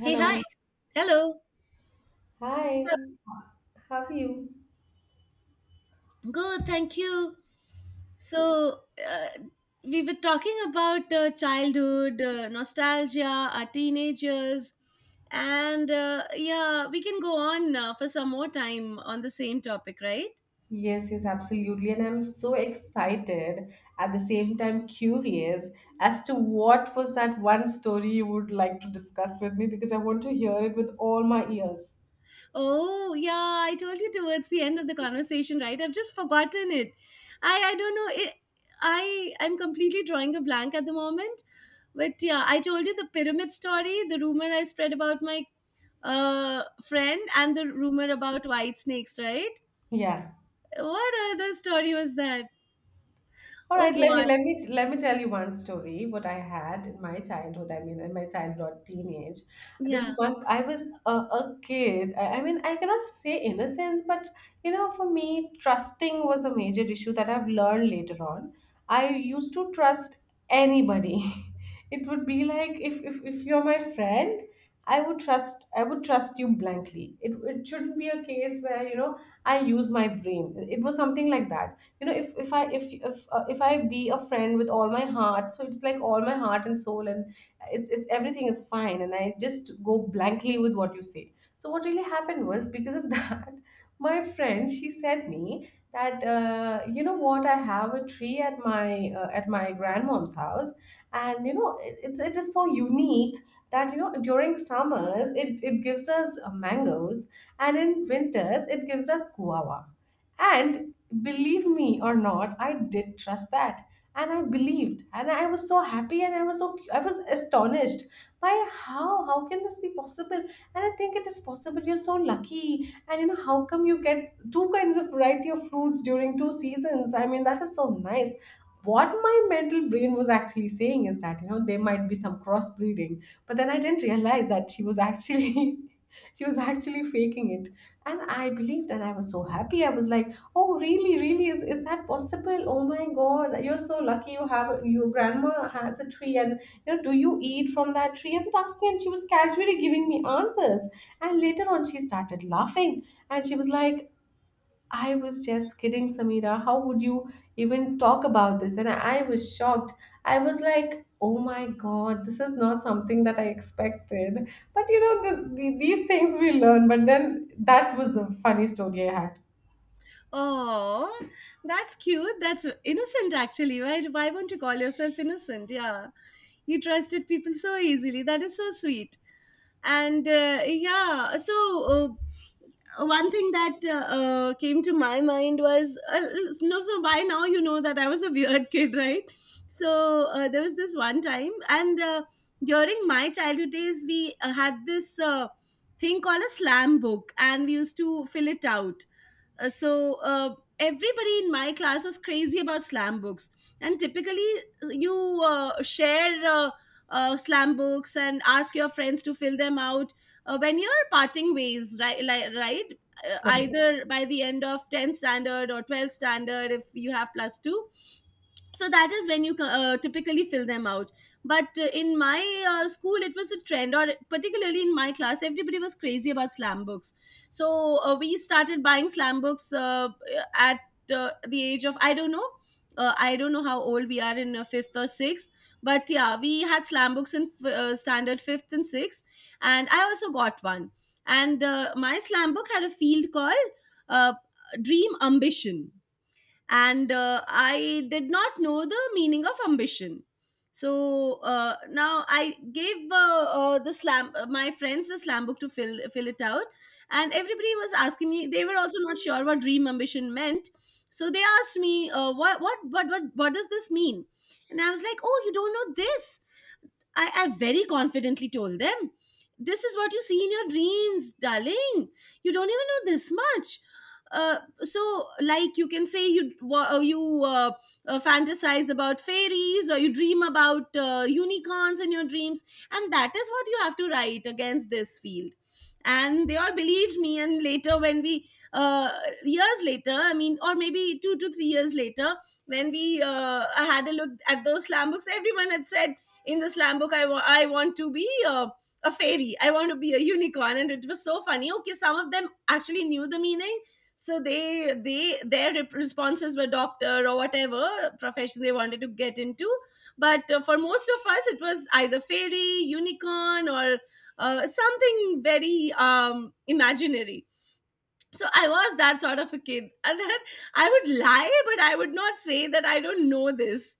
Hey, hi. Hello. Hi, how are you? Good, thank you. So, we were talking about childhood, nostalgia, our teenagers, and yeah, we can go on for some more time on the same topic, right? Yes, yes, absolutely. And I'm so excited, at the same time curious as to what was that one story you would like to discuss with me because I want to hear it with all my ears. Oh, yeah, I told you towards the end of the conversation, right? I've just forgotten it. I don't know. It, I I'm completely drawing a blank at the moment. But yeah, I told you the pyramid story, the rumor I spread about my friend and the rumor about white snakes, right? Yeah. What other story was that? All Oh right, let me god. let me let me tell you one story. What I had in my childhood, I mean, in my childhood, teenage, there was Yeah. one. I was a kid. I mean, I cannot say innocence, but you know, for me, trusting was a major issue that I've learned later on. I used to trust anybody. It would be like if you're my friend, I would trust you blankly. It shouldn't be a case where you know I use my brain. It was something like that you know if I be a friend with all my heart, so it's like all my heart and soul and it's everything is fine and I just go blankly with what you say. So what really happened was, because of that, my friend, she said me that, you know what, I have a tree at my grandmom's house, and you know it is so unique that you know during summers it gives us mangoes and in winters it gives us guava. And believe me or not, I did trust that. And I believed. And I was so happy and I was astonished by how can this be possible? And I think it is possible. You're so lucky. And you know, how come you get two kinds of variety of fruits during two seasons? I mean, that is so nice. What my mental brain was actually saying is that, you know, there might be some crossbreeding. But then I didn't realize that she was actually she was actually faking it, and I believed, and I was so happy. I was like, oh, really, really? Is that possible? Oh my God, you're so lucky you have, your grandma has a tree, and, you know, do you eat from that tree? I was asking and she was casually giving me answers. And later on, she started laughing and she was like, I was just kidding, Samira. How would you even talk about this? And I was shocked. I was like, oh my God, this is not something that I expected. But you know, these things we learn. But then that was the funny story I had. Oh, that's cute. That's innocent, actually. Why won't you call yourself innocent? Yeah. You trusted people so easily. That is so sweet. And yeah, so one thing that came to my mind was no, so by now you know that I was a weird kid, right? So there was this one time, and during my childhood days, we had this thing called a slam book, and we used to fill it out everybody in my class was crazy about slam books, and typically you share slam books and ask your friends to fill them out when you're parting ways, right, right. Like, Either by the end of 10th standard or 12th standard if you have plus 2, so that is when you typically fill them out. But in my school it was a trend, or particularly in my class everybody was crazy about slam books. So we started buying slam books at the age of I don't know, I don't know how old we are in fifth or sixth, but yeah, we had slam books in standard fifth and sixth, and I also got one. And my slam book had a field called uh, dream ambition, and I did not know the meaning of ambition. So now I gave the slam my friends the slam book to fill it out, and everybody was asking me, they were also not sure what dream ambition meant. So they asked me, what does this mean? And I was like, oh, you don't know this? I very confidently told them, this is what you see in your dreams, darling. You don't even know this much. So, like, you can say you uh, you uh, fantasize about fairies, or you dream about unicorns in your dreams, and that is what you have to write against this field. And they all believed me, and later when we years later, I mean, or maybe 2 to 3 years later, when we had a look at those slam books, everyone had said in the slam book, I want to be a fairy, I want to be a unicorn. And it was so funny. Okay, some of them actually knew the meaning, so responses were doctor or whatever profession they wanted to get into. But for most of us it was either fairy, unicorn, or something very imaginary. So I was that sort of a kid, and then I would lie, but I would not say that I don't know this.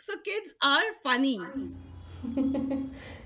So kids are funny.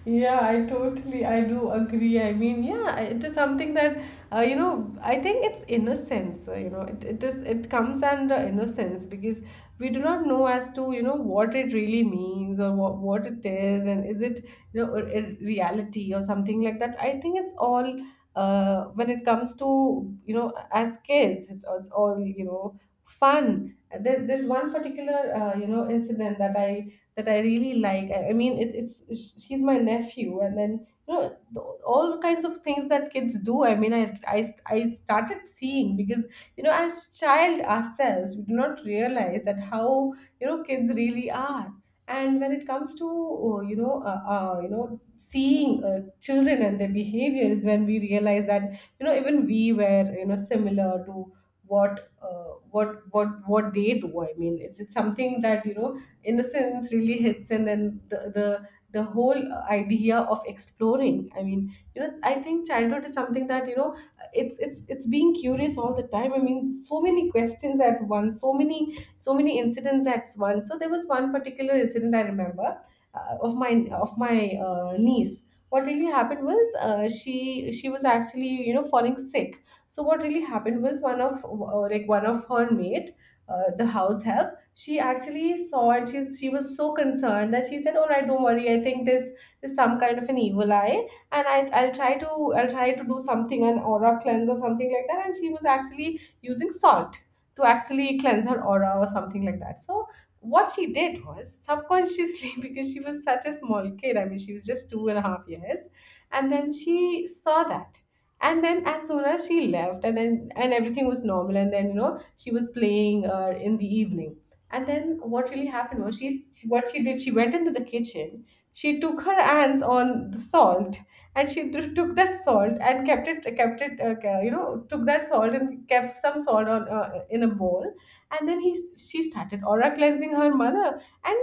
yeah, I totally, I do agree. I mean, yeah, it is something that, you know, I think it's innocence. You know, it is it comes under innocence because we do not know as to you know what it really means or what it is and is it you know a reality or something like that. I think it's all when it comes to you know as kids, it's all you know fun. There's one particular you know incident that I really like. I mean, it's she's my nephew, and then you know the, all kinds of things that kids do. I mean, I started seeing because you know as child ourselves, we do not realize that how you know kids really are. And when it comes to you know seeing children and their behavior is when we realize that you know even we were you know similar to what what they do. I mean, it's something that you know innocence really hits, and then the the whole idea of exploring. I mean, you know, I think childhood is something that you know it's it's being curious all the time. I mean, so many questions at once, so many so many incidents at once. So there was one particular incident I remember uh, of my of my niece. What really happened was, she was actually, you know, falling sick. So what really happened was, one of one of her mate, the house help, she actually saw, and she was so concerned that she said, all right, don't worry, I think this is some kind of an evil eye, and I'll try to do something, an aura cleanse or something like that, and she was actually using salt to actually cleanse her aura or something like that. So what she did was subconsciously because she was such a small kid, I mean she was just two and a half years, and then she saw that. And then, as soon as she left, and then and everything was normal, and then, you know, she was playing in the evening. And then what really happened was, what she did, she went into the kitchen, she took her hands on the salt, and took that salt and kept it ca- you know took that salt and kept some salt on in a bowl, and then he she started aura cleansing her mother, and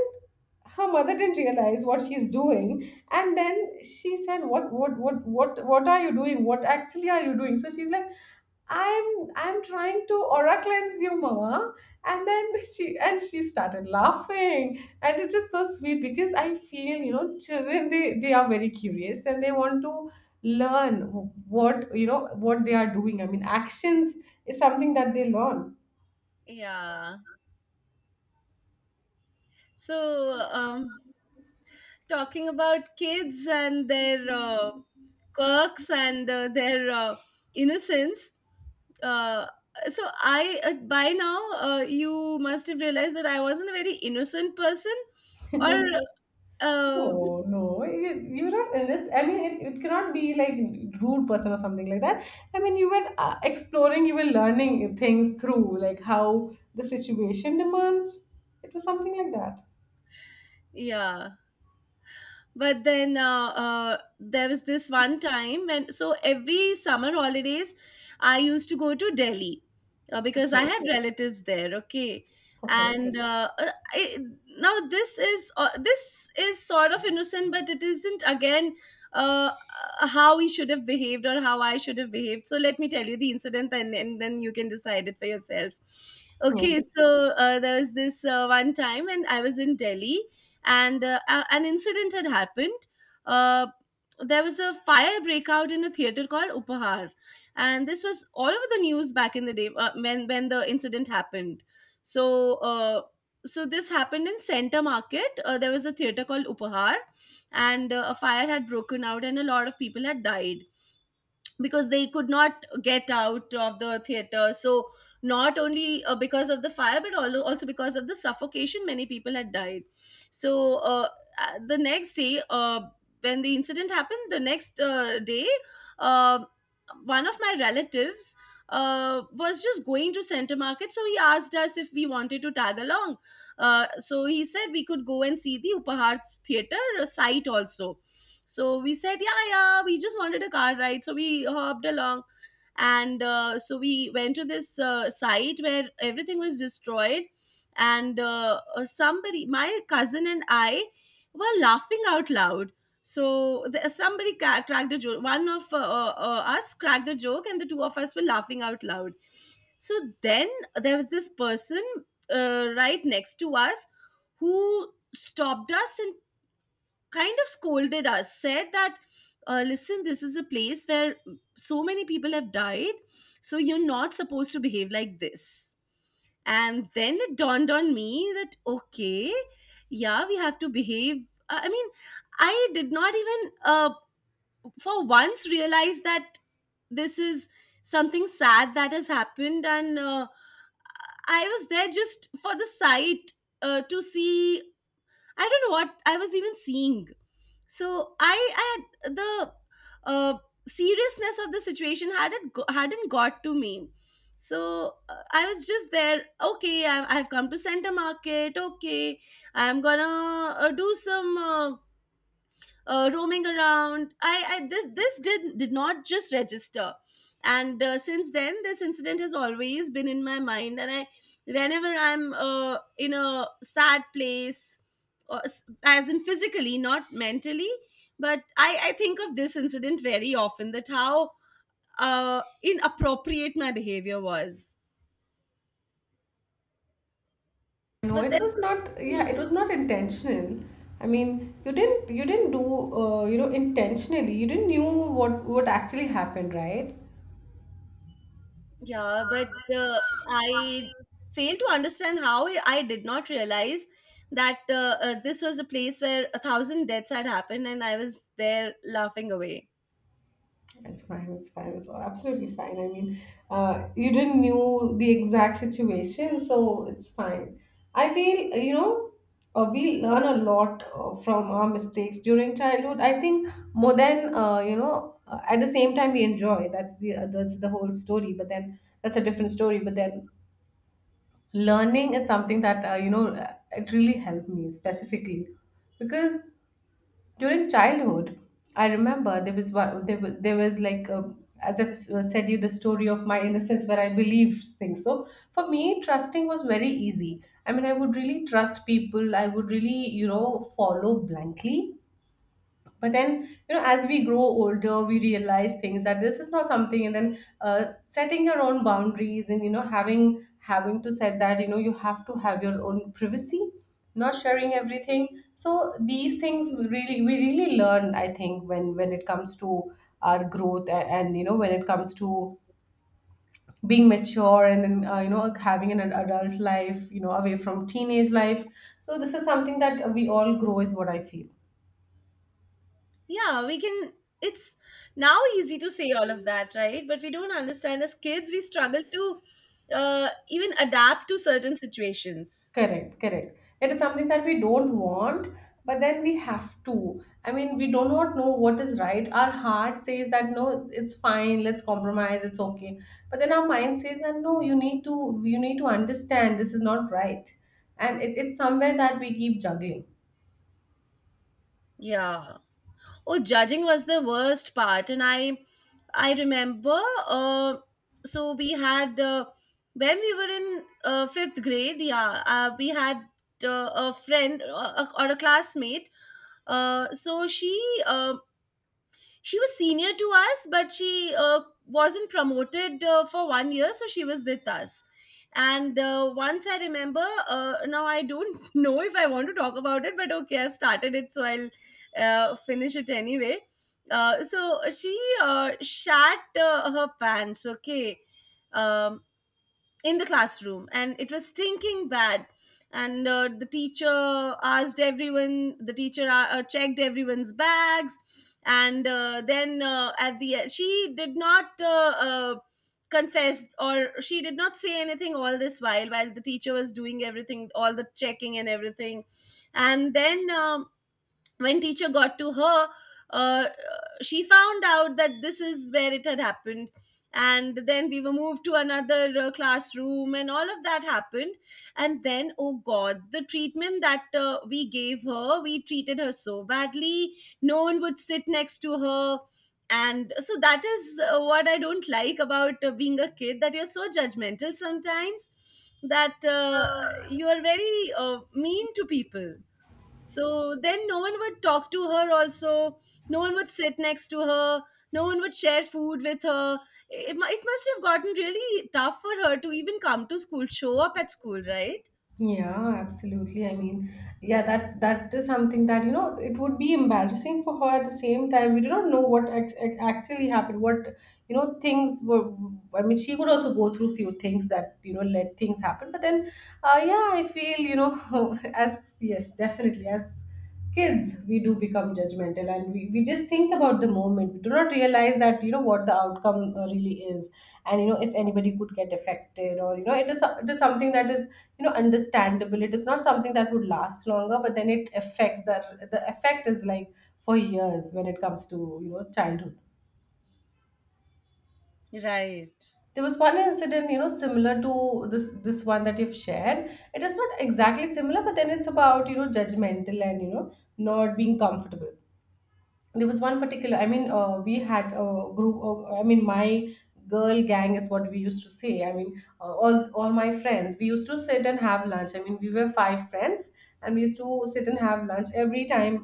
her mother didn't realize what she's doing, and then she said, What are you doing? What actually are you doing?" So she's like, I'm trying to aura cleanse you, mama. And then she started laughing. And it is so sweet because I feel, you know, children they are very curious and they want to learn what you know what they are doing. I mean actions is something that they learn. Yeah. So talking about kids and their quirks and their innocence. Uh, so I by now you must have realized that I wasn't a very innocent person, or uh, No, no, you're not, unless I mean it cannot be like rude person or something like that. I mean you were exploring, you were learning things through like how the situation demands. It was something like that. yeah. But then there was this one time, when so every summer holidays I used to go to Delhi, because I Okay. had, okay, relatives there, okay. Okay. And I, now this is sort of innocent, but it isn't again uh, how we should have behaved or how I should have behaved. So let me tell you the incident, and then you can decide it for yourself. Yeah. Okay, so there was this one time, and I was in Delhi, and an incident had happened. Uh, there was a fire breakout in a theater called Upahar, and this was all over the news back in the day when the incident happened. So. So this happened in Center Market. There was a theater called Upahar, and a fire had broken out and a lot of people had died because they could not get out of the theater. So not only because of the fire, but also because of the suffocation, many people had died. So the next day, when the incident happened, the next day, uh, one of my relatives was just going to Center Market, so he asked us if we wanted to tag along. So he said we could go and see the Upahar theater site also. So we said, yeah, yeah, we just wanted a car ride. So we hopped along, and so we went to this site where everything was destroyed. And somebody my cousin and I were laughing out loud. So somebody cracked a joke, one of us cracked a joke, and the two of us were laughing out loud. So then there was this person right next to us who stopped us and kind of scolded us, said that, listen, this is a place where so many people have died, so you're not supposed to behave like this. And then it dawned on me that, okay, yeah, we have to behave. I mean, I did not even for once realize that this is something sad that has happened. And I was there just for the sight, to see, I don't know what I was even seeing. So I had the uh, seriousness of the situation. Hadn't hadn't got to me. So I was just there. Okay, I've come to Center Market. Okay, I'm gonna do some roaming around. I this this did not just register. And since then this incident has always been in my mind. And I, whenever I'm in a sad place, or as in physically, not mentally, but I think of this incident very often. That how inappropriate my behavior was. No, But it then. was not. Yeah, it was not intentional. I mean, you didn't do you know intentionally. You didn't knew what actually happened, right? Yeah, but uh, I fail to understand how I did not realize that this was a place where 1,000 deaths had happened, and I was there laughing away. It's fine. It's fine. It's absolutely fine. I mean, you didn't knew the exact situation, so it's fine. I feel you know we learn a lot from our mistakes during childhood. I think more than you know. At the same time, we enjoy. That's the whole story. But then that's a different story. But then learning is something that you know it really helped me specifically because during childhood, I remember there was one, there was like as I've said you the story of my innocence where I believed things. So for me, trusting was very easy. I mean, I would really trust people. I would really, you know, follow blindly. But then, you know, as we grow older we realize things that this is not something, and then setting your own boundaries and you know having to set that you know you have to have your own privacy, not sharing everything. So these things we really learn, I think, when it comes to our growth and you know when it comes to being mature and then you know having an adult life, you know, away from teenage life. So this is something that we all grow is what I feel. Yeah, we can. It's now easy to say all of that, right? But we don't understand, as kids, we struggle to even adapt to certain situations. Correct, correct. It is something that we don't want, but then we have to. I mean, we do not know what is right. Our heart says that no, it's fine, let's compromise, it's okay. But then our mind says that no, you need to understand this is not right. And it's somewhere that we keep juggling. Yeah. Oh, judging was the worst part. And I remember uh, so we had when we were in fifth grade, yeah, we had a friend or a classmate. So uh, she was senior to us, but she wasn't promoted for 1 year, so she was with us. And once I remember, now I don't know if I want to talk about it, but okay, I've started it, so I'll finish it anyway. So she shat her pants, okay, um, in the classroom, and it was stinking bad. And the teacher checked everyone's bags. And then at the end she did not confess, or she did not say anything all this while the teacher was doing everything, all the checking and everything. And then when teacher got to her, uh, she found out that this is where it had happened. And then we were moved to another classroom, and all of that happened. And then, oh god, the treatment that we gave her, we treated her so badly. No one would sit next to her. And so that is what I don't like about being a kid, that you're so judgmental sometimes, that you are very mean to people. So then no one would talk to her also. No one would sit next to her. No one would share food with her. It must have gotten really tough for her to even come to school, show up at school, right? Yeah, absolutely. I mean, yeah, that is something that, you know, it would be embarrassing for her. At the same time, we do not know what actually happened, what, you know, things were. I mean, she could also go through few things that, you know, let things happen. But then, yeah, I feel, as, yes, definitely, as kids we do become judgmental and we just think about the moment. We do not realize that you know what the outcome really is, and you know if anybody could get affected, or you know it is something that is, you know, understandable. It is not something that would last longer, but then it affects. The effect is like for years when it comes to, you know, childhood. Right. There was one incident, you know, similar to this one that you've shared. It is not exactly similar, but then it's about, you know, judgmental and, you know, not being comfortable. There was one particular, I mean, we had a group of, I mean, my girl gang is what we used to say. I mean, all my friends, we used to sit and have lunch. I mean, we were five friends, and we used to sit and have lunch every time,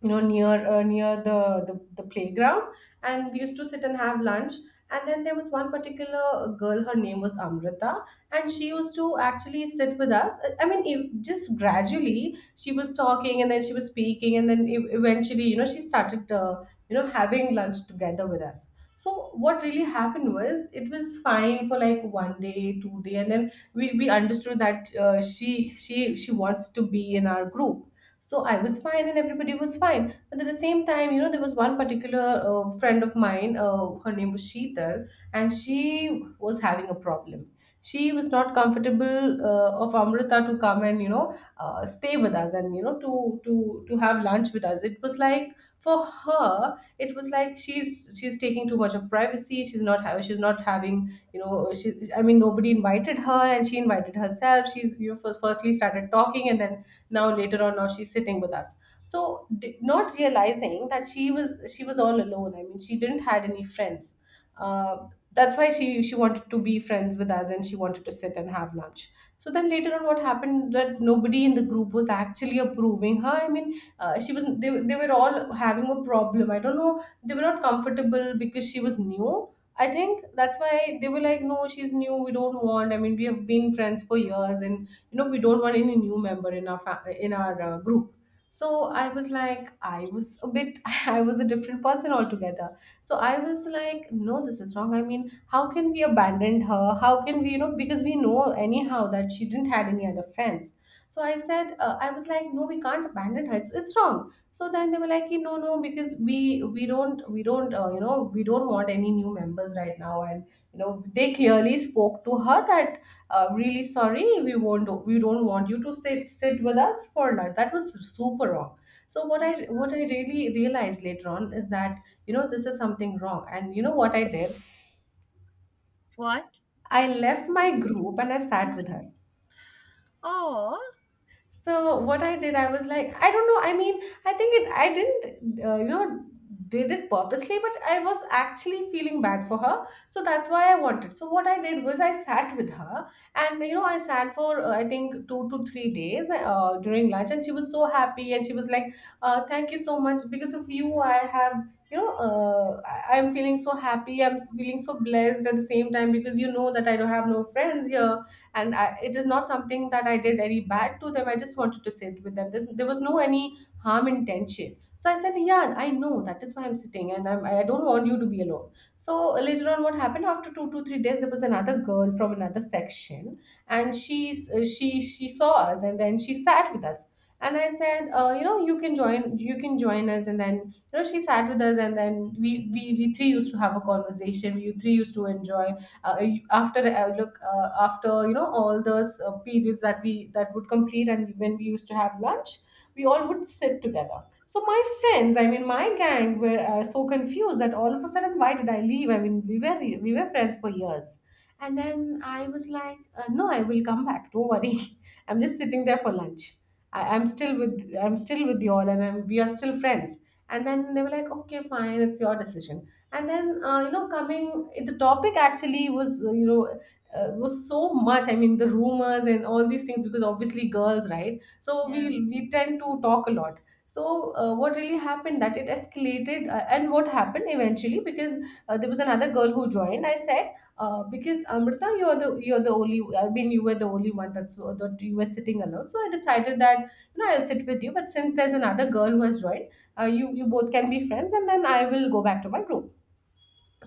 you know, near near the playground, and we used to sit and have lunch. And then there was one particular girl. Her name was Amrita, and she used to actually sit with us. I I mean if, just gradually she was talking, and then she was speaking, and then eventually, you know, she started, you know, having lunch together with us. So what really happened was, it was fine for like 1 day 2 day, and then we understood that she she wants to be in our group. So I was fine and everybody was fine. But at the same time, you know, there was one particular friend of mine, her name was Sheetal, and she was having a problem. She was not comfortable of Amrita to come and, you know, stay with us and, you know, to have lunch with us. It was like, for her, it was like she's taking too much of privacy. She's not having, you know, she, I mean, nobody invited her and she invited herself. She's, you know, firstly started talking, and then now later on now she's sitting with us. So not realizing that she was all alone, I mean, she didn't had any friends. uh, that's why she wanted to be friends with us and she wanted to sit and have lunch. So then later on what happened, that nobody in the group was actually approving her. I mean, she was they were all having a problem. I don't know, they were not comfortable because she was new. I think that's why they were like, no, she's new, we don't want. I mean, we have been friends for years, and you know, we don't want any new member in our in our group. So I was like, I was a bit I was a different person altogether. So I was like, no, this is wrong. I mean, how can we abandon her? How can we, you know, because we know anyhow that she didn't had any other friends. So I said, I was like, no, we can't abandon her. It's wrong. So then they were like, "Ki, no, no, because we don't, you know, we don't want any new members right now." And you know, they clearly spoke to her that, really sorry, we don't want you to sit with us for lunch. That was super wrong. So what I, what I really realized later on is that, you know, this is something wrong. And you know what I did? What? I left my group and I sat with her. Oh. So what I did, I was like, I don't know. I mean, I think it, I didn't, you know, did it purposely, but I was actually feeling bad for her. So that's why I wanted. So what I did was, I sat with her, and you know, I sat for I think 2 to 3 days during lunch, and she was so happy, and she was like, "Thank you so much. Because of you, I have." You know, I'm feeling so happy. I'm feeling so blessed at the same time, because you know that I don't have no friends here, and I, it is not something that I did any bad to them. I just wanted to sit with them. There was no any harm intention. So I said, yeah, I know, that is why I'm sitting, and I don't want you to be alone. So later on what happened, after 2 to 3 days, there was another girl from another section, and she, she saw us, and then she sat with us. And I said, you know, you can join us. And then you know, she sat with us, and then we three used to have a conversation. We three used to enjoy. After, you know, all those periods that we that would complete, and when we used to have lunch, we all would sit together. So my friends, I mean my gang, were so confused that all of a sudden why did I leave. I mean, we were, we were friends for years. And then I was like, no, I will come back, don't worry. I'm just sitting there for lunch. I'm still with you all, and we are still friends. And then they were like, okay, fine, it's your decision. And then you know, coming, the topic actually was, you know, was so much, I mean, the rumors and all these things, because obviously girls, right? So we Yeah. we tend to talk a lot. So what really happened, that it escalated, and what happened eventually, because there was another girl who joined. I said, because Amrita, you're the only, I mean, you were the only one that's that you were sitting alone. So I decided that, you know, I'll sit with you. But since there's another girl who has joined, you, you both can be friends, and then I will go back to my group.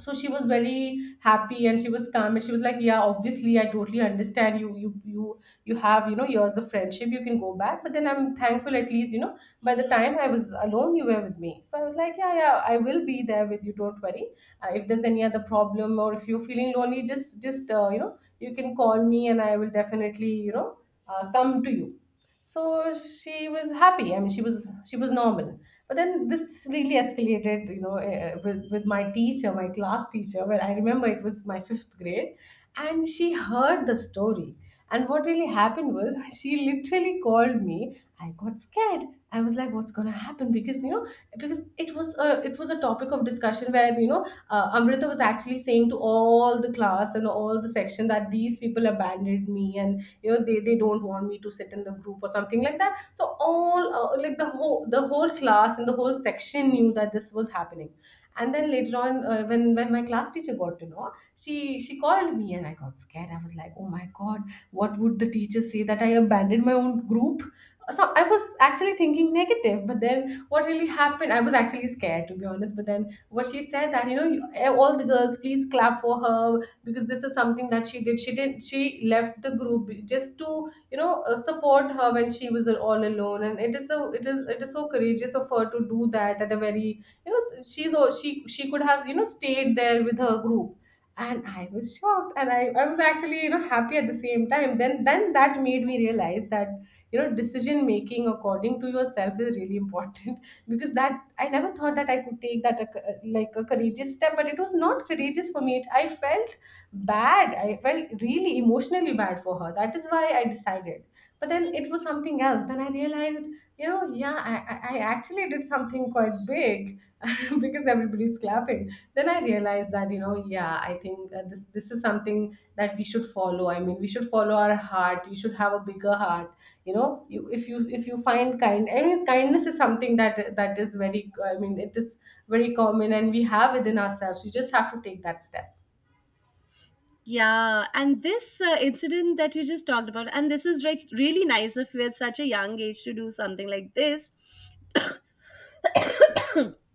So she was very happy, and she was calm, and she was like, yeah, obviously, I totally understand. You have, you know, years of friendship, you can go back. But then I'm thankful, at least, you know, by the time I was alone, you were with me. So I was like, yeah, yeah, I will be there with you, don't worry. If there's any other problem, or if you're feeling lonely, just, you know, you can call me, and I will definitely, you know, come to you. So she was happy, I mean, she was normal. But then this really escalated, you know, with my teacher, my class teacher, where I remember it was my fifth grade, and she heard the story. And what really happened was, she literally called me. I got scared. I was like, "What's gonna happen?" Because you know, because it was a, it was a topic of discussion, where you know, Amrita was actually saying to all the class and all the section that these people abandoned me, and you know, they don't want me to sit in the group, or something like that. So all, like the whole class and the whole section knew that this was happening. And then later on, when my class teacher got to know, she called me, and I got scared. I was like, oh my god, what would the teacher say, that I abandoned my own group? So I was actually thinking negative. But then what really happened, I was actually scared, to be honest. But then what she said, that, you know, all the girls, please clap for her. Because this is something that she did, she didn't she left the group just to, you know, support her when she was all alone. And it is so, it is so courageous of her to do that, at a very, you know, she could have, you know, stayed there with her group. And I was shocked, and I was actually, you know, happy at the same time. Then that made me realize that, you know, decision making according to yourself is really important. Because that, I never thought that I could take that a, like a courageous step. But it was not courageous for me. I felt bad, I felt really emotionally bad for her, that is why I decided. But then it was something else, then I realized, you know, yeah, I actually did something quite big because everybody's clapping. Then I realized that, you know, yeah, I think, this is something that we should follow. I mean, we should follow our heart, you should have a bigger heart. You know, you, if you, if you find kind I mean kindness is something that is very, I mean, it is very common, and we have within ourselves. You just have to take that step. Yeah, and this incident that you just talked about, and this was like really nice of you at such a young age to do something like this.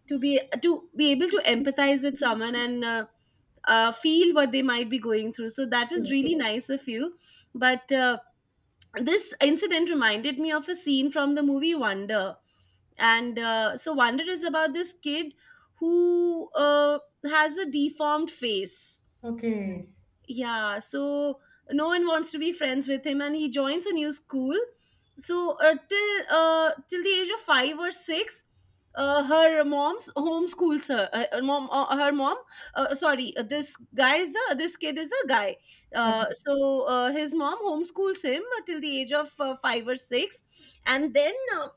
To be able to empathize with someone and feel what they might be going through, so that was really nice of you. But this incident reminded me of a scene from the movie Wonder. And so Wonder is about this kid who has a deformed face. Okay. Yeah, so no one wants to be friends with him and he joins a new school. So till the age of 5 or 6, her mom's homeschools her, mom her mom sorry, this guy is a, this kid is a guy. uh, Okay. so uh, his mom homeschools him till the age of 5 or 6. And then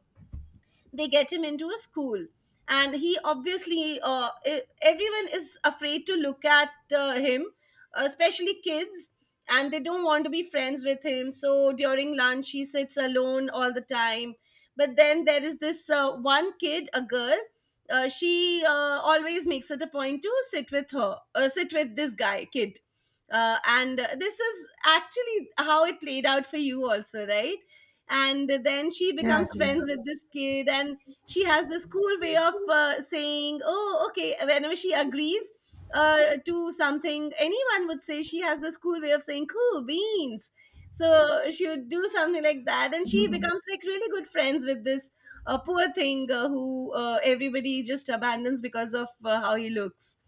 they get him into a school, and he obviously everyone is afraid to look at him, especially kids, and they don't want to be friends with him, so during lunch he sits alone all the time. But then there is this one kid, a girl. She always makes it a point to sit with this guy kid. And this is actually how it played out for you also, right? And then she Yeah, becomes correct. friends with this kid, and she has this cool way of saying oh okay whenever she agrees to something. Anyone would say, she has this cool way of saying cool beans. So she would do something like that, and she Mhm. becomes like really good friends with this poor thing who everybody just abandons because of how he looks.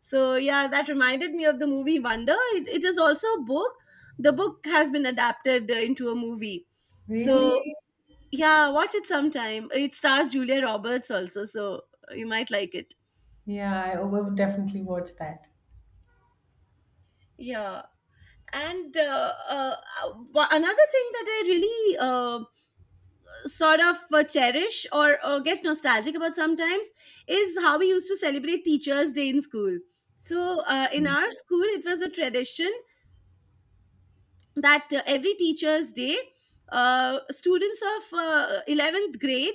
So yeah, that reminded me of the movie Wonder. It is also a book. The book has been adapted into a movie. Really? So yeah, watch it sometime. It stars Julia Roberts also, so you might like it. Yeah, I will definitely watch that. Yeah. And another thing that I really sort of cherish or get nostalgic about sometimes is how we used to celebrate Teachers' Day in school. So in our school, it was a tradition that every teacher's day, students of 11th grade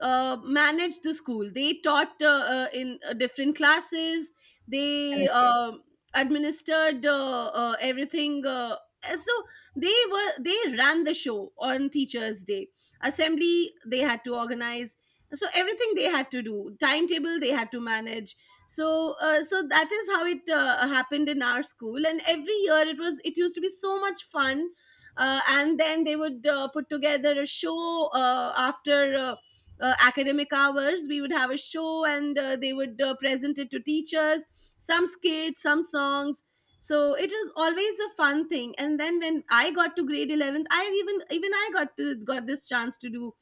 managed the school. They taught in different classes, they Correct. Administered everything. So they were they ran the show on teachers day. Assembly they had to organize, so everything they had to do, timetable they had to manage. So that is how it happened in our school, and every year it was it used to be so much fun. And then they would put together a show after academic hours. We would have a show, and they would present it to teachers, some skits, some songs. So it was always a fun thing. And then when I got to grade 11th, I even even I got to, got this chance to do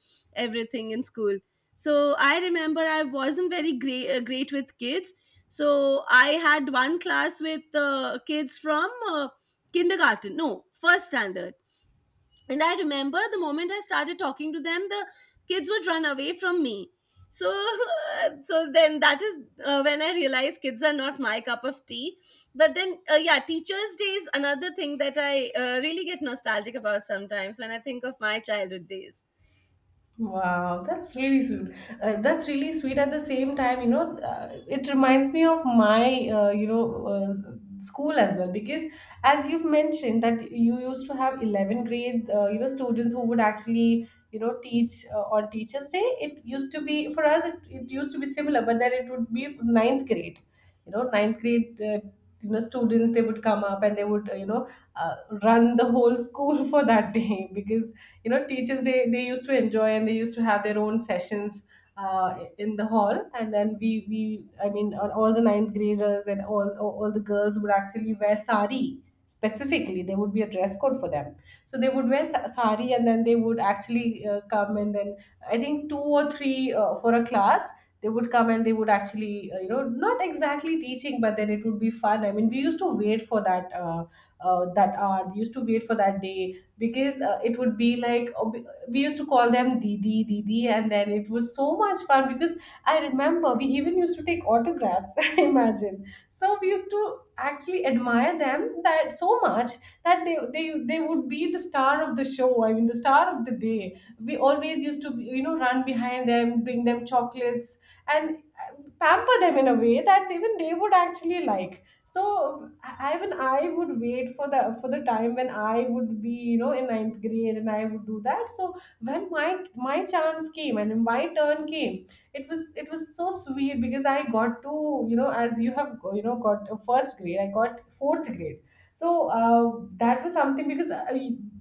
everything in school. So I remember I wasn't very great with kids. So I had one class with kids from kindergarten, no, first standard. And I remember the moment I started talking to them, the kids would run away from me. So, so then that is when I realized kids are not my cup of tea. But then, yeah, Teachers' Day is another thing that I really get nostalgic about sometimes when I think of my childhood days. Wow, that's really sweet. That's really sweet. At the same time, it reminds me of my, uh, you know, school as well. Because as you've mentioned that you used to have 11 grade, students who would actually teach on teachers day, it used to be for us, it used to be similar, but then it would be ninth grade. You know ninth grade, students, they would come up and they would uh, run the whole school for that day. Because you know teachers day, they used to enjoy and they used to have their own sessions in the hall, and then we I mean all the ninth graders and all the girls would actually wear sari. Specifically, there would be a dress code for them, so they would wear sari, and then they would actually come. And then I think two or three for a class, they would come and they would actually, not exactly teaching, but then it would be fun. I mean, we used to wait for that that hour, we used to wait for that day. Because it would be like, we used to call them didi didi, and then it was so much fun. Because I remember we even used to take autographs, imagine. So we used to actually admire them that so much, that they they would be the star of the show, I mean the star of the day. We always used to, you know, run behind them, bring them chocolates and uh, pamper them in a way that even they would actually like. So even I would wait for the time when I would be, you know, in ninth grade, and I would do that. So when my chance came and my turn came, it was so sweet, because I got to, you know, as you have, you know, got a first grade, I got fourth grade. So that was something, because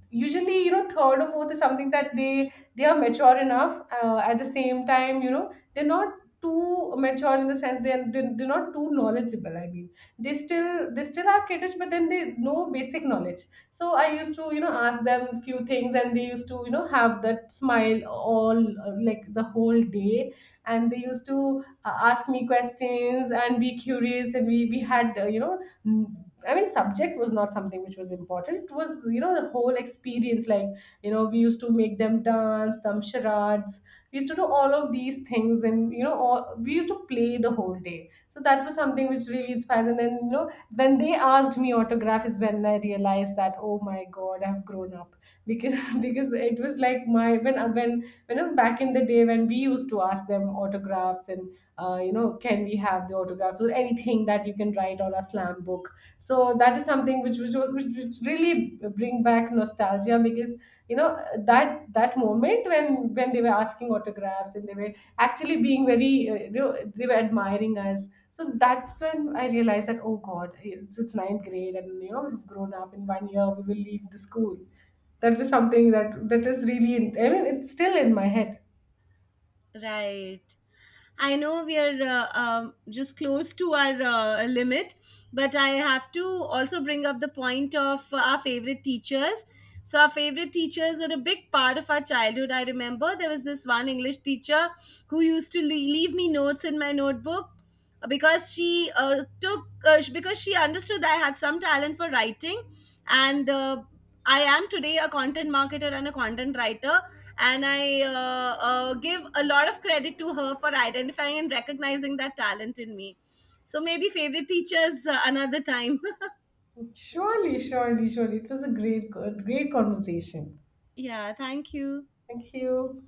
usually, you know, third or fourth is something that they are mature enough. At the same time, you know, they're not too mature, in the sense they're they're not too knowledgeable. I mean, they still are kiddish, but then they know basic knowledge. So I used to, you know, ask them few things, and they used to, you know, have that smile all like the whole day. And they used to ask me questions and be curious. And we had, mm, I mean, subject was not something which was important. It was, you know, the whole experience. Like, you know, we used to make them dance, them charades. We used to do all of these things, and you know, all, we used to play the whole day. So that was something which really inspires. And then, you know, when they asked me autograph, is when I realized that oh my god, I've grown up because because it was like my when you know, back in the day when we used to ask them autographs, and you know, can we have the autographs or anything that you can write on a slam book? So that is something which really bring back nostalgia. Because you know, that moment when they were asking autographs, and they were actually being very, you know, they were admiring us. So that's when I realized that oh God, it's ninth grade, and you know we've grown up. In 1 year we will leave the school. That was something that is really, I mean, it's still in my head. Right. I know we are just close to our limit, but I have to also bring up the point of our favorite teachers. So, our favorite teachers are a big part of our childhood. I remember there was this one English teacher who used to leave me notes in my notebook because because she understood that I had some talent for writing, and I am today a content marketer and a content writer, and I give a lot of credit to her for identifying and recognizing that talent in me. So maybe favorite teachers another time. Surely, surely, surely. It was a great, good, great conversation. Yeah, thank you. Thank you.